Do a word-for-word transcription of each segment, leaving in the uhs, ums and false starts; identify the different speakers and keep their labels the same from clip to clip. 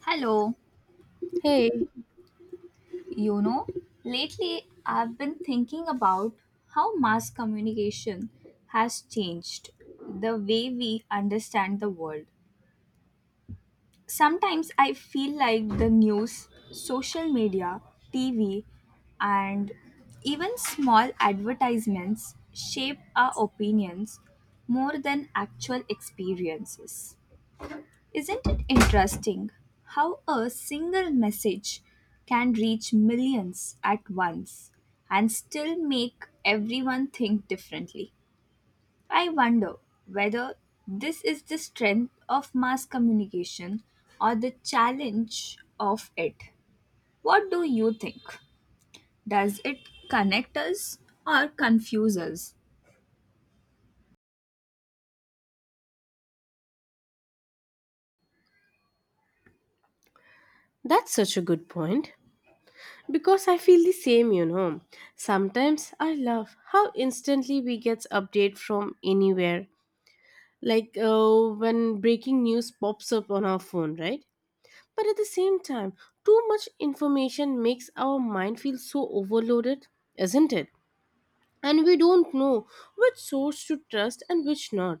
Speaker 1: Hello.
Speaker 2: Hey,
Speaker 1: You know, lately I've been thinking about how mass communication has changed the way we understand the world. Sometimes I feel like the news, social media, T V, and even small advertisements shape our opinions more than actual experiences. Isn't it interesting how a single message can reach millions at once and still make everyone think differently? I wonder whether this is the strength of mass communication or the challenge of it. What do you think? Does it connect us or confuse us?
Speaker 2: that's such a good point. Because I feel the same, you know. Sometimes I love how instantly we get update from anywhere, like uh, when breaking news pops up on our phone, right? But at the same time, too much information makes our mind feel so overloaded, isn't it? And we don't know which source to trust and which not.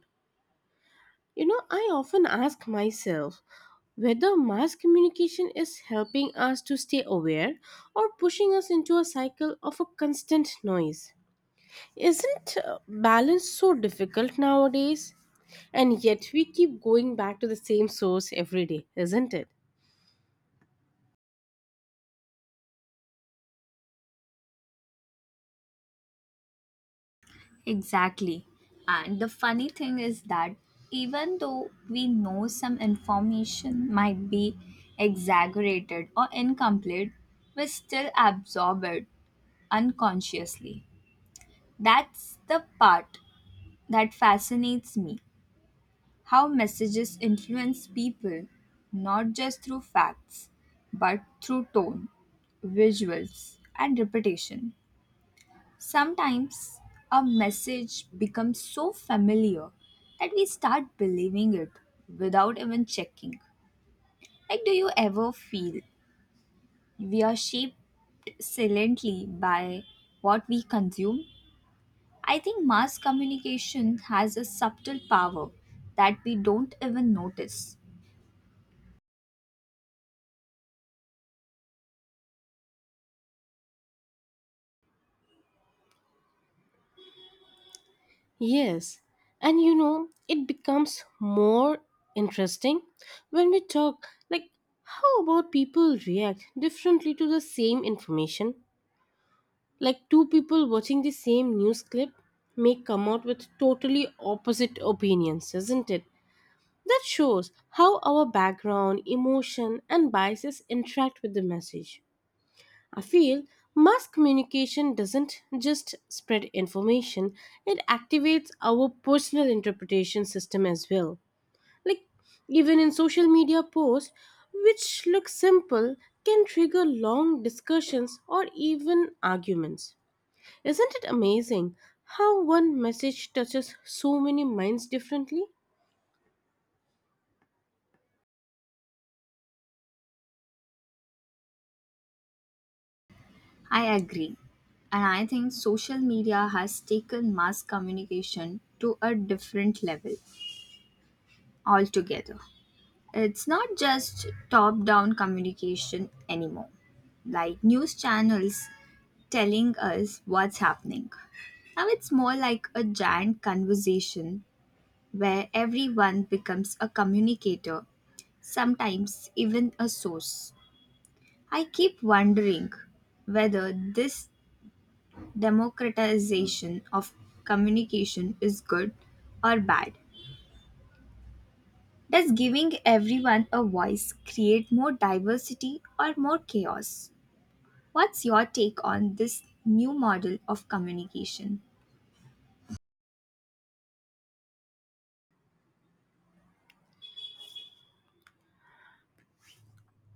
Speaker 2: You know, I often ask myself whether mass communication is helping us to stay aware or pushing us into a cycle of a constant noise. Isn't uh, balance so difficult nowadays? And yet we keep going back to the same source every day, isn't it?
Speaker 1: Exactly. And the funny thing is that even though we know some information might be exaggerated or incomplete, we still absorb it unconsciously. That's the part that fascinates me how messages influence people not just through facts but through tone, visuals, and repetition. Sometimes a message becomes so familiar that we start believing it without even checking. Like, do you ever feel we are shaped silently by what we consume? I think mass communication has a subtle power that we don't even notice.
Speaker 2: Yes. And you know, it becomes more interesting when we talk like how about people react differently to the same information? Like two people watching the same news clip may come out with totally opposite opinions, isn't it? That shows how our background, emotion, and biases interact with the message. I feel mass communication doesn't just spread information, it activates our personal interpretation system as well. Like, even in social media posts, which look simple, can trigger long discussions or even arguments. Isn't it amazing how one message touches so many minds differently?
Speaker 1: I agree. And I think social media has taken mass communication to a different level altogether. It's not just top down communication anymore, like news channels telling us what's happening. Now it's more like a giant conversation where everyone becomes a communicator, sometimes even a source. I keep wondering whether this democratization of communication is good or bad. Does giving everyone a voice create more diversity or more chaos? What's your take on this new model of communication?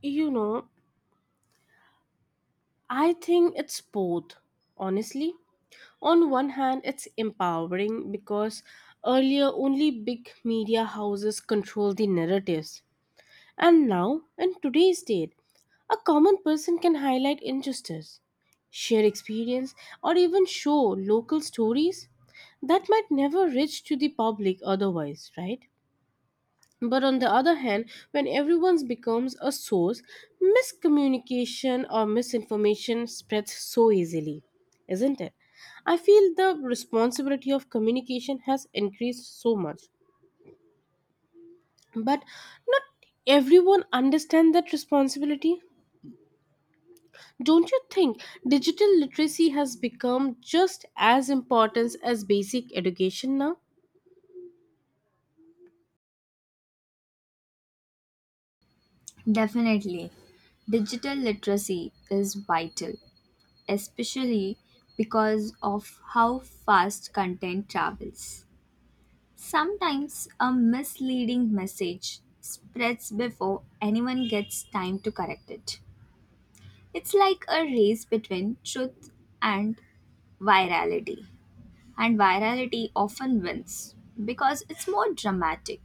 Speaker 2: You know, I think it's both, honestly. On one hand, it's empowering because earlier only big media houses controlled the narratives. And now, in today's date, a common person can highlight injustice, share experience, or even show local stories that might never reach to the public otherwise, right? But on the other hand, when everyone becomes a source, miscommunication or misinformation spreads so easily, isn't it? I feel the responsibility of communication has increased so much. But not everyone understands that responsibility. Don't you think digital literacy has become just as important as basic education now?
Speaker 1: Definitely. Digital literacy is vital, especially because of how fast content travels. Sometimes a misleading message spreads before anyone gets time to correct it. It's like a race between truth and virality. And virality often wins because it's more dramatic.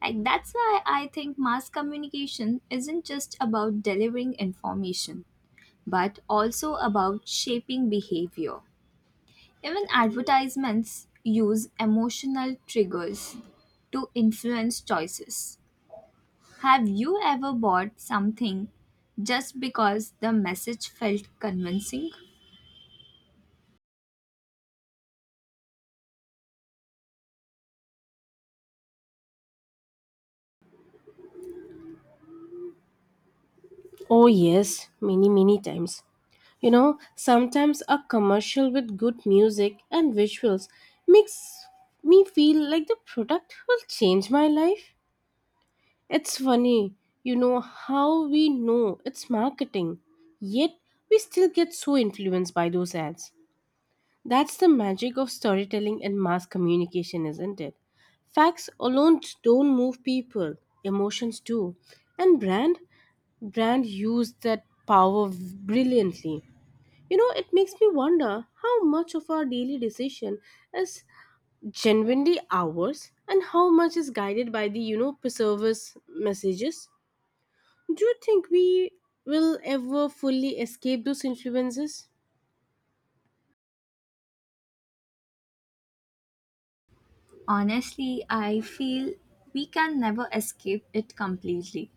Speaker 1: Like that's why I think mass communication isn't just about delivering information, but also about shaping behavior. Even advertisements use emotional triggers to influence choices. Have you ever bought something just because the message felt convincing?
Speaker 2: Oh, yes, many, many times. You know, sometimes a commercial with good music and visuals makes me feel like the product will change my life. It's funny, you know, how we know it's marketing, yet we still get so influenced by those ads. That's the magic of storytelling and mass communication, isn't it? Facts alone don't move people, emotions do. And brand brand use that power brilliantly. You know, it makes me wonder how much of our daily decision is genuinely ours and how much is guided by the, you know, preserver's messages. Do you think we will ever fully escape those influences?
Speaker 1: Honestly, I feel we can never escape it completely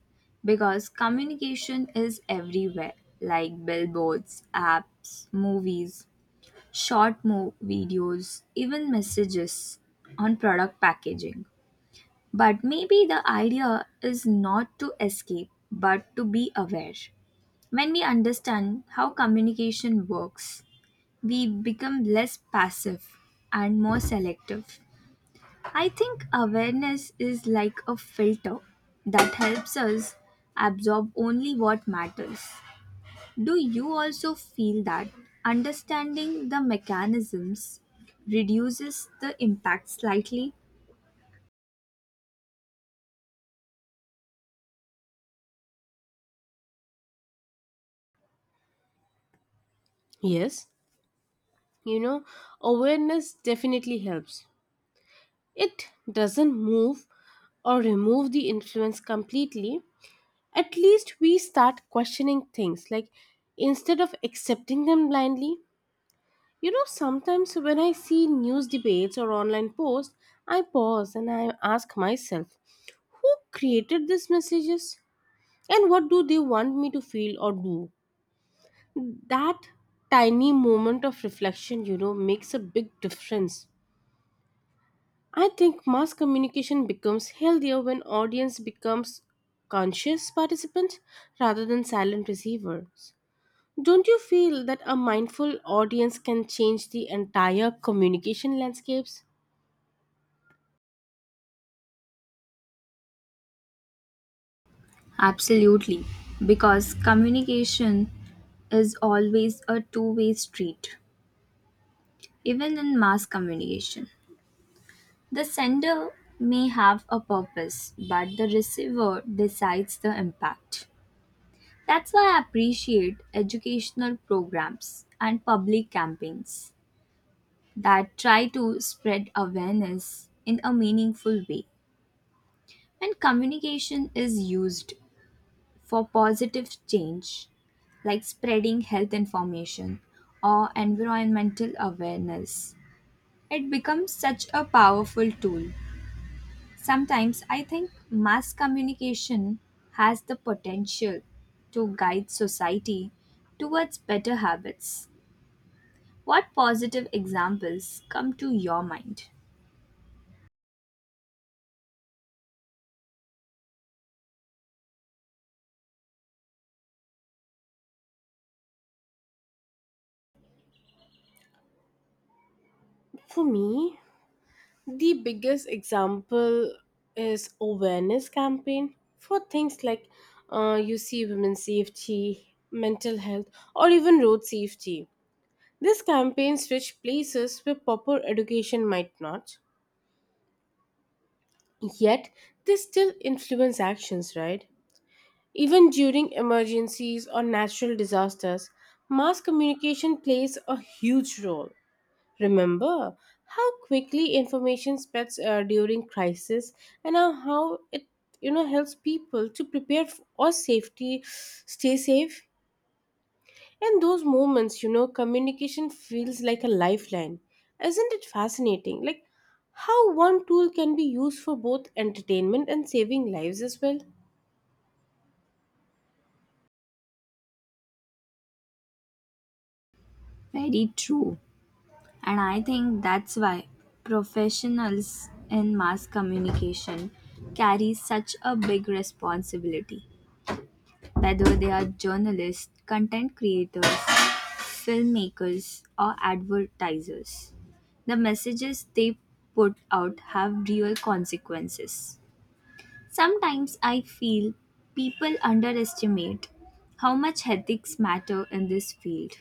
Speaker 1: because communication is everywhere, like billboards, apps, movies, short mo- videos, even messages on product packaging. But maybe the idea is not to escape but to be aware. When we understand how communication works, we become less passive and more selective. I think awareness is like a filter that helps us absorb only what matters. Do you also feel that understanding the mechanisms reduces the impact slightly?
Speaker 2: Yes, you know, awareness definitely helps. It doesn't move or remove the influence completely. At least we start questioning things, like instead of accepting them blindly. You know, sometimes when I see news debates or online posts, I pause and I ask myself, who created these messages? And what do they want me to feel or do? That tiny moment of reflection, you know, makes a big difference. I think mass communication becomes healthier when audience becomes conscious participants rather than silent receivers. Don't you feel that a mindful audience can change the entire communication landscapes?
Speaker 1: Absolutely, because communication is always a two way street, even in mass communication. The sender may have a purpose, but the receiver decides the impact. That's why I appreciate educational programs and public campaigns that try to spread awareness in a meaningful way. When communication is used for positive change, like spreading health information or environmental awareness, it becomes such a powerful tool. Sometimes I think mass communication has the potential to guide society towards better habits. What positive examples come to your mind?
Speaker 2: For me, the biggest example is awareness campaign for things like uh, you see women's safety, mental health, or even road safety. These campaigns reach places where proper education might not, yet they still influence actions, right? Even during emergencies or natural disasters, mass communication plays a huge role. Remember how quickly information spreads uh, during crisis and how how it, you know, helps people to prepare f- or safety, stay safe. In those moments, you know, communication feels like a lifeline. Isn't it fascinating? Like how one tool can be used for both entertainment and saving lives as well?
Speaker 1: Very true. And I think that's why professionals in mass communication carry such a big responsibility. Whether they are journalists, content creators, filmmakers, or advertisers, the messages they put out have real consequences. Sometimes I feel people underestimate how much ethics matter in this field.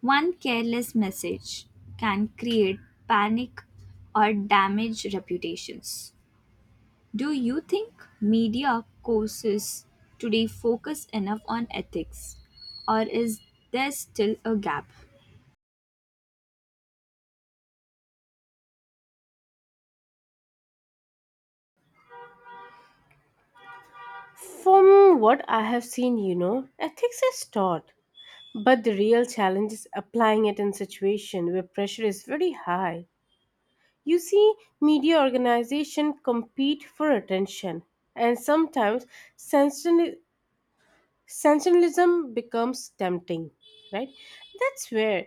Speaker 1: One careless message can create panic or damage reputations. Do you think media courses today focus enough on ethics, or is there still a gap?
Speaker 2: From what I have seen, you know, ethics is taught, but the real challenge is applying it in situation where pressure is very high. You see media organizations compete for attention, and sometimes sensational- sensationalism becomes tempting, right? That's where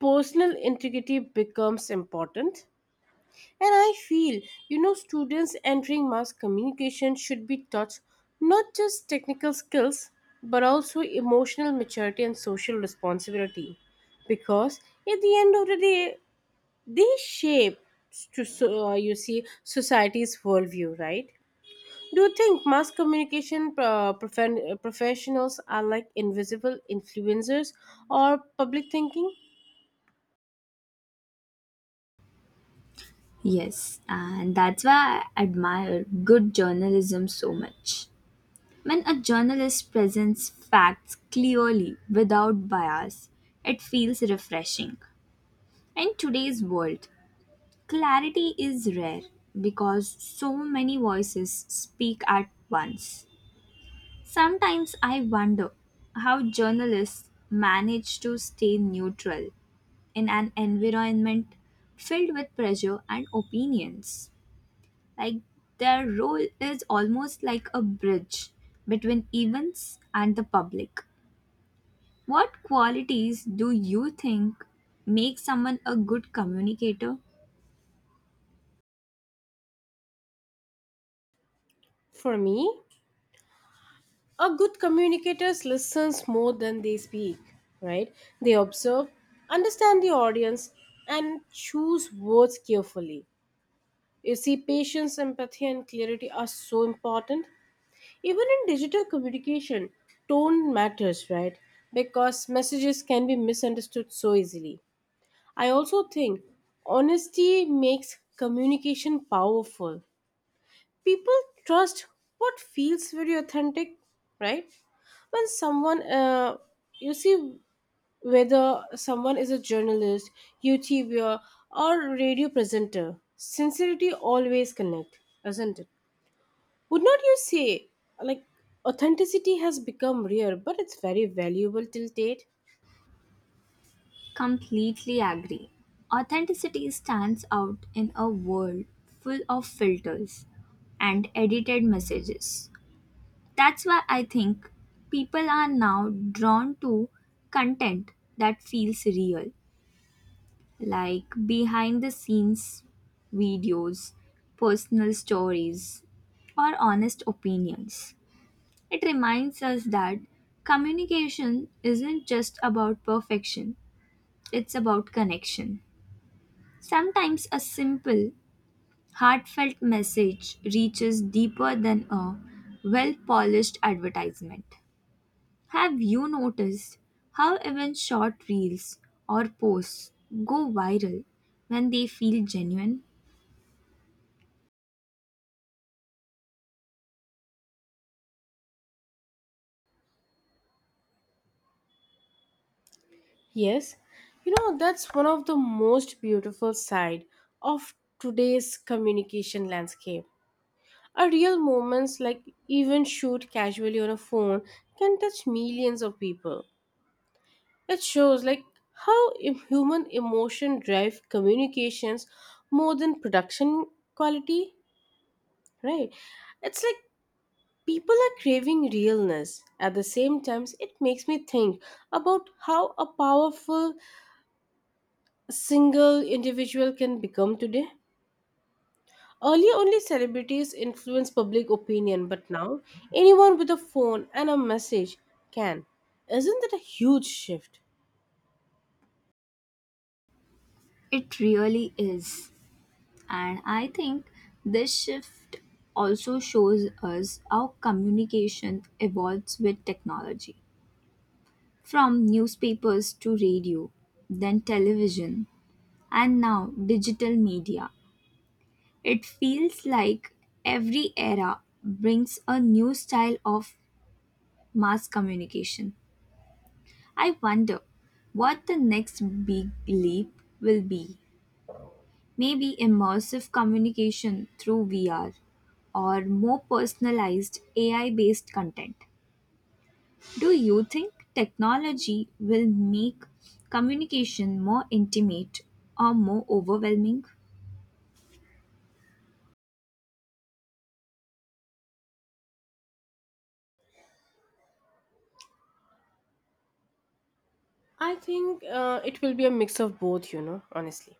Speaker 2: personal integrity becomes important. And I feel, you know, students entering mass communication should be taught not just technical skills, but also emotional maturity and social responsibility. Because at the end of the day, they shape to so, uh, you see society's worldview, right? Do you think mass communication uh, profen- uh, professionals are like invisible influencers or public thinking?
Speaker 1: Yes, and that's why I admire good journalism so much. When a journalist presents facts clearly without bias, it feels refreshing. In today's world, clarity is rare because so many voices speak at once. Sometimes I wonder how journalists manage to stay neutral in an environment filled with pressure and opinions. Like, their role is almost like a bridge between events and the public. What qualities do you think make someone a good communicator?
Speaker 2: For me, a good communicator listens more than they speak, right? They observe, understand the audience, and choose words carefully. You see, patience, empathy, and clarity are so important. Even in digital communication, tone matters, right? Because messages can be misunderstood so easily. I also think honesty makes communication powerful. People trust what feels very authentic, right? When someone, uh, you see, Whether someone is a journalist, YouTuber, or radio presenter, sincerity always connect, doesn't it? Would not you say, like, authenticity has become rare, but it's very valuable till date?
Speaker 1: Completely agree. Authenticity stands out in a world full of filters and edited messages. That's why I think people are now drawn to content that feels real, like behind the scenes videos, personal stories, or honest opinions. It reminds us that communication isn't just about perfection, it's about connection. Sometimes a simple, heartfelt message reaches deeper than a well polished advertisement. Have you noticed how even short reels or posts go viral when they feel genuine?
Speaker 2: Yes, you know, that's one of the most beautiful side of today's communication landscape. A real moments like even shoot casually on a phone can touch millions of people. It shows like how im- human emotion drive communications more than production quality, right? It's like people are craving realness. At the same time, it makes me think about how a powerful single individual can become today. Earlier, only celebrities influenced public opinion, but now anyone with a phone and a message can. Isn't that a huge shift?
Speaker 1: It really is. And I think this shift also shows us how communication evolves with technology. From newspapers to radio, then television, and now digital media. It feels like every era brings a new style of mass communication. I wonder what the next big leap will be. Maybe immersive communication through V R or more personalized A I based content. Do you think technology will make communication more intimate or more overwhelming?
Speaker 2: I think uh, it will be a mix of both, you know, honestly.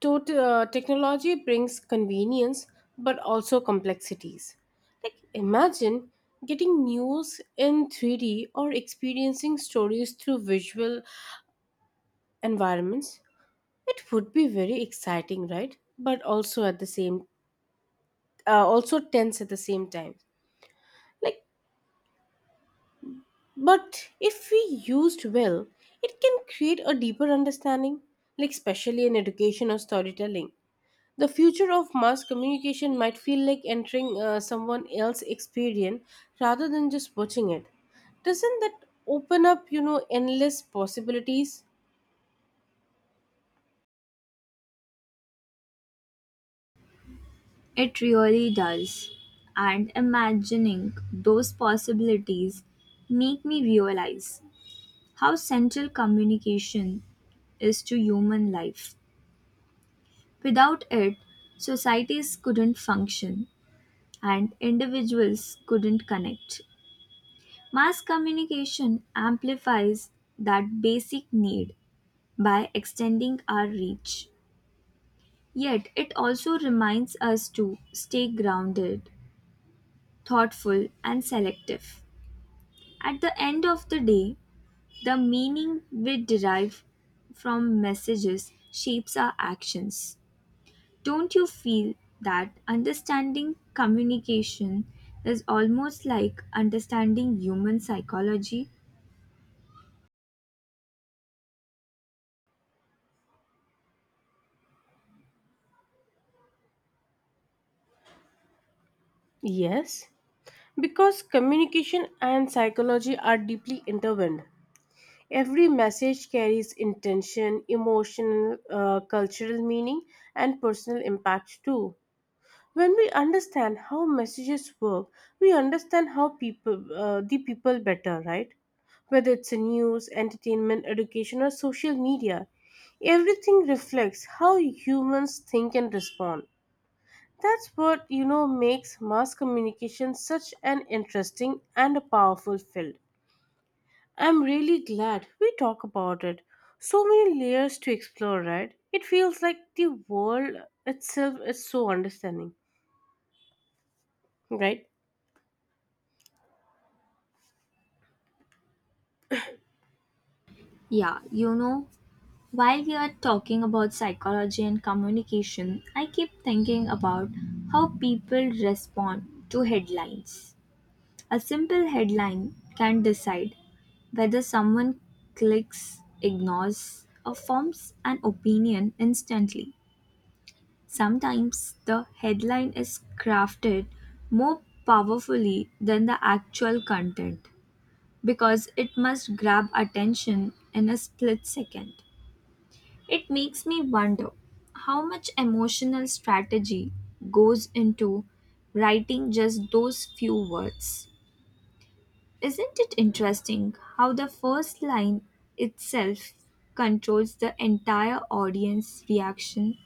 Speaker 2: tot- uh, Technology brings convenience but also complexities. Like, imagine getting news in three D or experiencing stories through visual environments. It would be very exciting, right? But also at the same, uh, also tense at the same time. Like, but if we used well, it can create a deeper understanding, like especially in education or storytelling. The future of mass communication might feel like entering uh, someone else's experience rather than just watching it. Doesn't that open up, you know, endless possibilities?
Speaker 1: It really does. And imagining those possibilities make me realize how central communication is to human life. Without it, societies couldn't function and individuals couldn't connect. Mass communication amplifies that basic need by extending our reach. Yet it also reminds us to stay grounded, thoughtful, and selective. At the end of the day, the meaning we derive from messages shapes our actions. Don't you feel that understanding communication is almost like understanding human psychology?
Speaker 2: Yes, because communication and psychology are deeply intertwined. Every message carries intention, emotional, uh, cultural meaning, and personal impact too. When we understand how messages work, we understand how people uh, the people better, right? Whether it's in news, entertainment, education, or social media, everything reflects how humans think and respond. That's what, you know, makes mass communication such an interesting and a powerful field. I'm really glad we talk about it. So many layers to explore, right? It feels like the world itself is so understanding, right?
Speaker 1: Yeah, you know, while we are talking about psychology and communication, I keep thinking about how people respond to headlines. A simple headline can decide whether someone clicks, ignores, or forms an opinion instantly. Sometimes the headline is crafted more powerfully than the actual content because it must grab attention in a split second. It makes me wonder how much emotional strategy goes into writing just those few words. Isn't it interesting how the first line itself controls the entire audience reaction?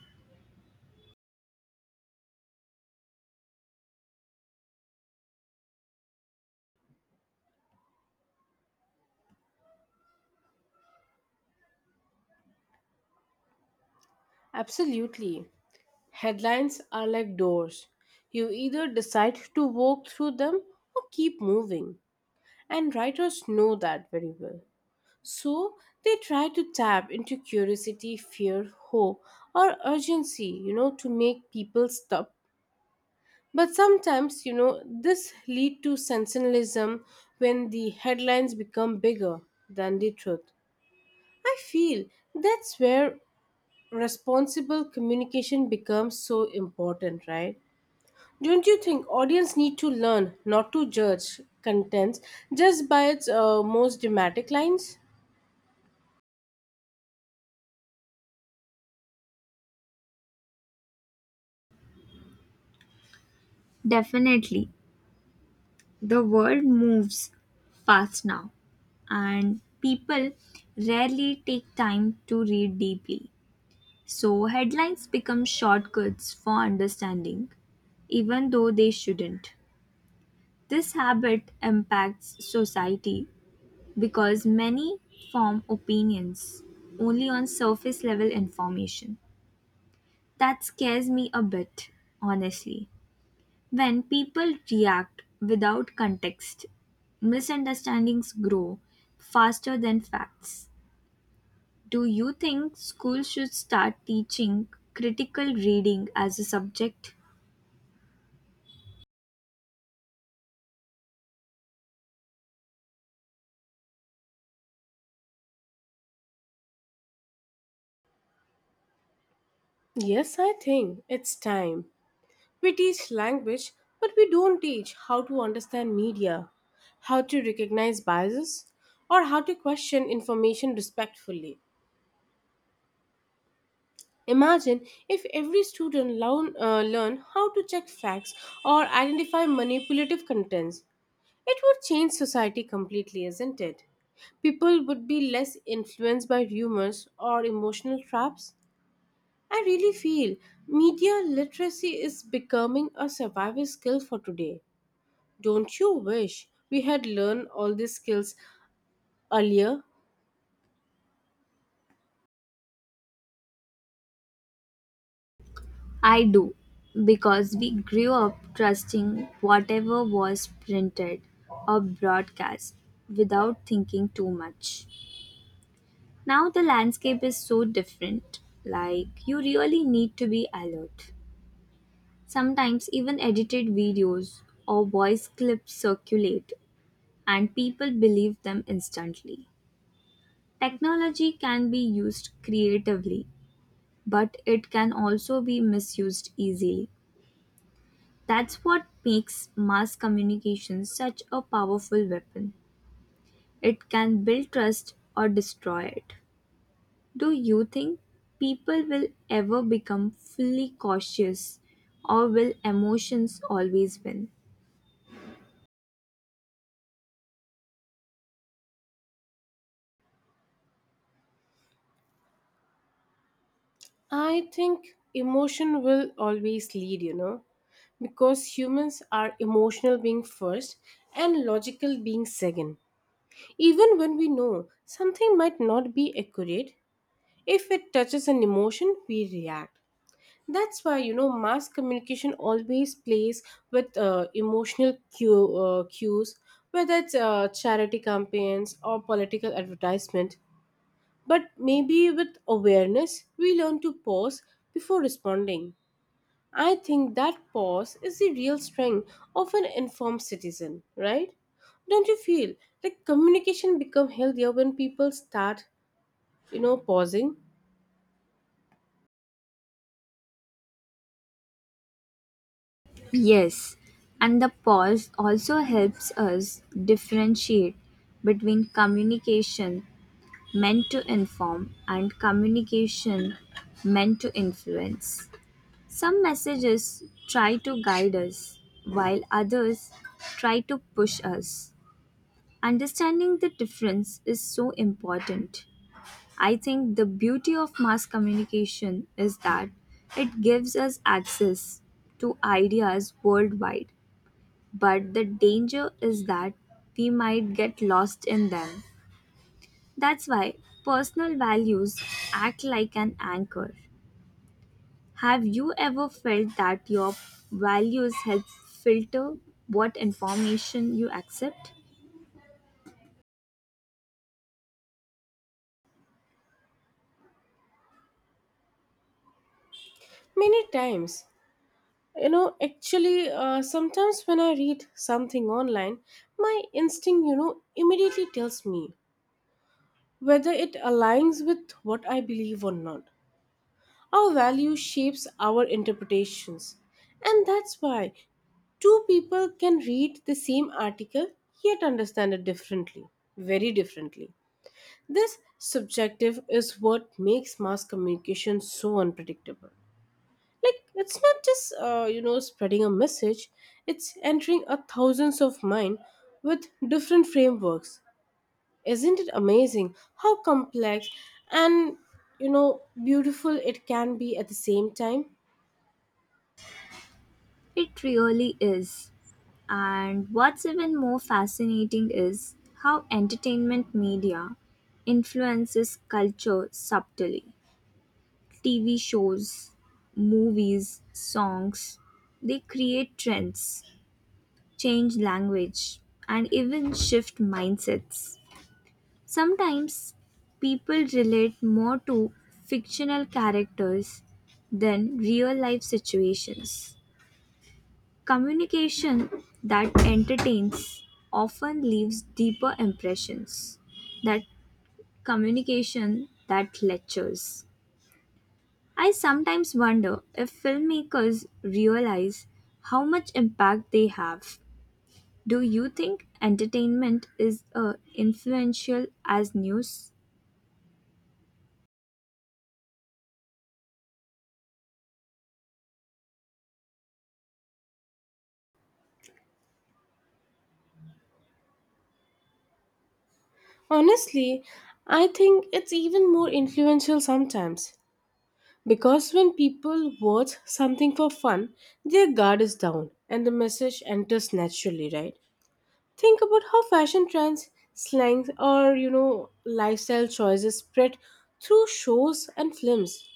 Speaker 2: Absolutely. Headlines are like doors. You either decide to walk through them or keep moving. And writers know that very well. So they try to tap into curiosity, fear, hope, or urgency, you know, to make people stop. But sometimes, you know, this lead to sensationalism when the headlines become bigger than the truth. I feel that's where responsible communication becomes so important, right? Don't you think audience need to learn not to judge contents just by its uh, most dramatic lines?
Speaker 1: Definitely. The world moves fast now, and people rarely take time to read deeply. So, headlines become shortcuts for understanding, even though they shouldn't. This habit impacts society because many form opinions only on surface level information. That scares me a bit, honestly. When people react without context, misunderstandings grow faster than facts. Do you think schools should start teaching critical reading as a subject?
Speaker 2: Yes, I think it's time. We teach language, but we don't teach how to understand media, how to recognize biases, or how to question information respectfully. Imagine if every student learn, uh, learn how to check facts or identify manipulative contents. It would change society completely, isn't it? People would be less influenced by rumors or emotional traps. I really feel media literacy is becoming a survival skill for today. Don't you wish we had learned all these skills earlier?
Speaker 1: I do, because we grew up trusting whatever was printed or broadcast without thinking too much. Now the landscape is so different, like, you really need to be alert. Sometimes even edited videos or voice clips circulate and people believe them instantly. Technology can be used creatively, but it can also be misused easily. That's what makes mass communication such a powerful weapon. It can build trust or destroy it. Do you think people will ever become fully cautious or will emotions always win?
Speaker 2: I think emotion will always lead, you know, because humans are emotional being first and logical being second. Even when we know something might not be accurate, if it touches an emotion, we react. That's why, you know, mass communication always plays with uh, emotional cue, uh, cues, whether it's uh, charity campaigns or political advertisement. But maybe with awareness, we learn to pause before responding. I think that pause is the real strength of an informed citizen, right? Don't you feel like communication become healthier when people start, you know, pausing?
Speaker 1: Yes, and the pause also helps us differentiate between communication meant to inform and communication meant to influence. Some messages try to guide us, while others try to push us. Understanding the difference is so important. I think the beauty of mass communication is that it gives us access to ideas worldwide, but the danger is that we might get lost in them. That's why personal values act like an anchor. Have you ever felt that your values help filter what information you accept?
Speaker 2: Many times. You know, actually, uh, sometimes when I read something online, my instinct, you know, immediately tells me whether it aligns with what I believe or not. Our value shapes our interpretations. And that's why two people can read the same article yet understand it differently, very differently. This subjective is what makes mass communication so unpredictable, like it's not just uh, you know, spreading a message, it's entering a thousands of mind with different frameworks. Isn't it amazing how complex and, you know, beautiful it can be at the same time?
Speaker 1: It really is. And what's even more fascinating is how entertainment media influences culture subtly. T V shows, movies, songs. They create trends, change language, and even shift mindsets. Sometimes people relate more to fictional characters than real life situations. Communication that entertains often leaves deeper impressions than communication that lectures. I sometimes wonder if filmmakers realize how much impact they have. Do you think entertainment is uh, influential as news?
Speaker 2: Honestly, I think it's even more influential sometimes, because when people watch something for fun their guard is down and the message enters naturally, right? Think about how fashion trends, slangs, or you know, lifestyle choices spread through shows and films.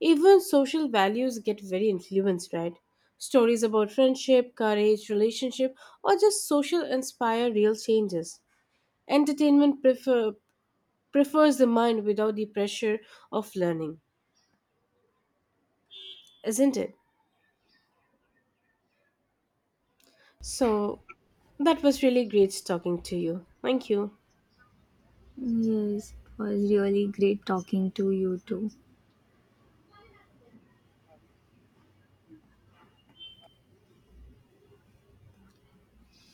Speaker 2: Even social values get very influenced, right? Stories about friendship, courage, relationship, or just social inspire real changes. Entertainment prefer, Prefers the mind without the pressure of learning, isn't it? So, that was really great talking to you. Thank you.
Speaker 1: Yes, it was really great talking to you too.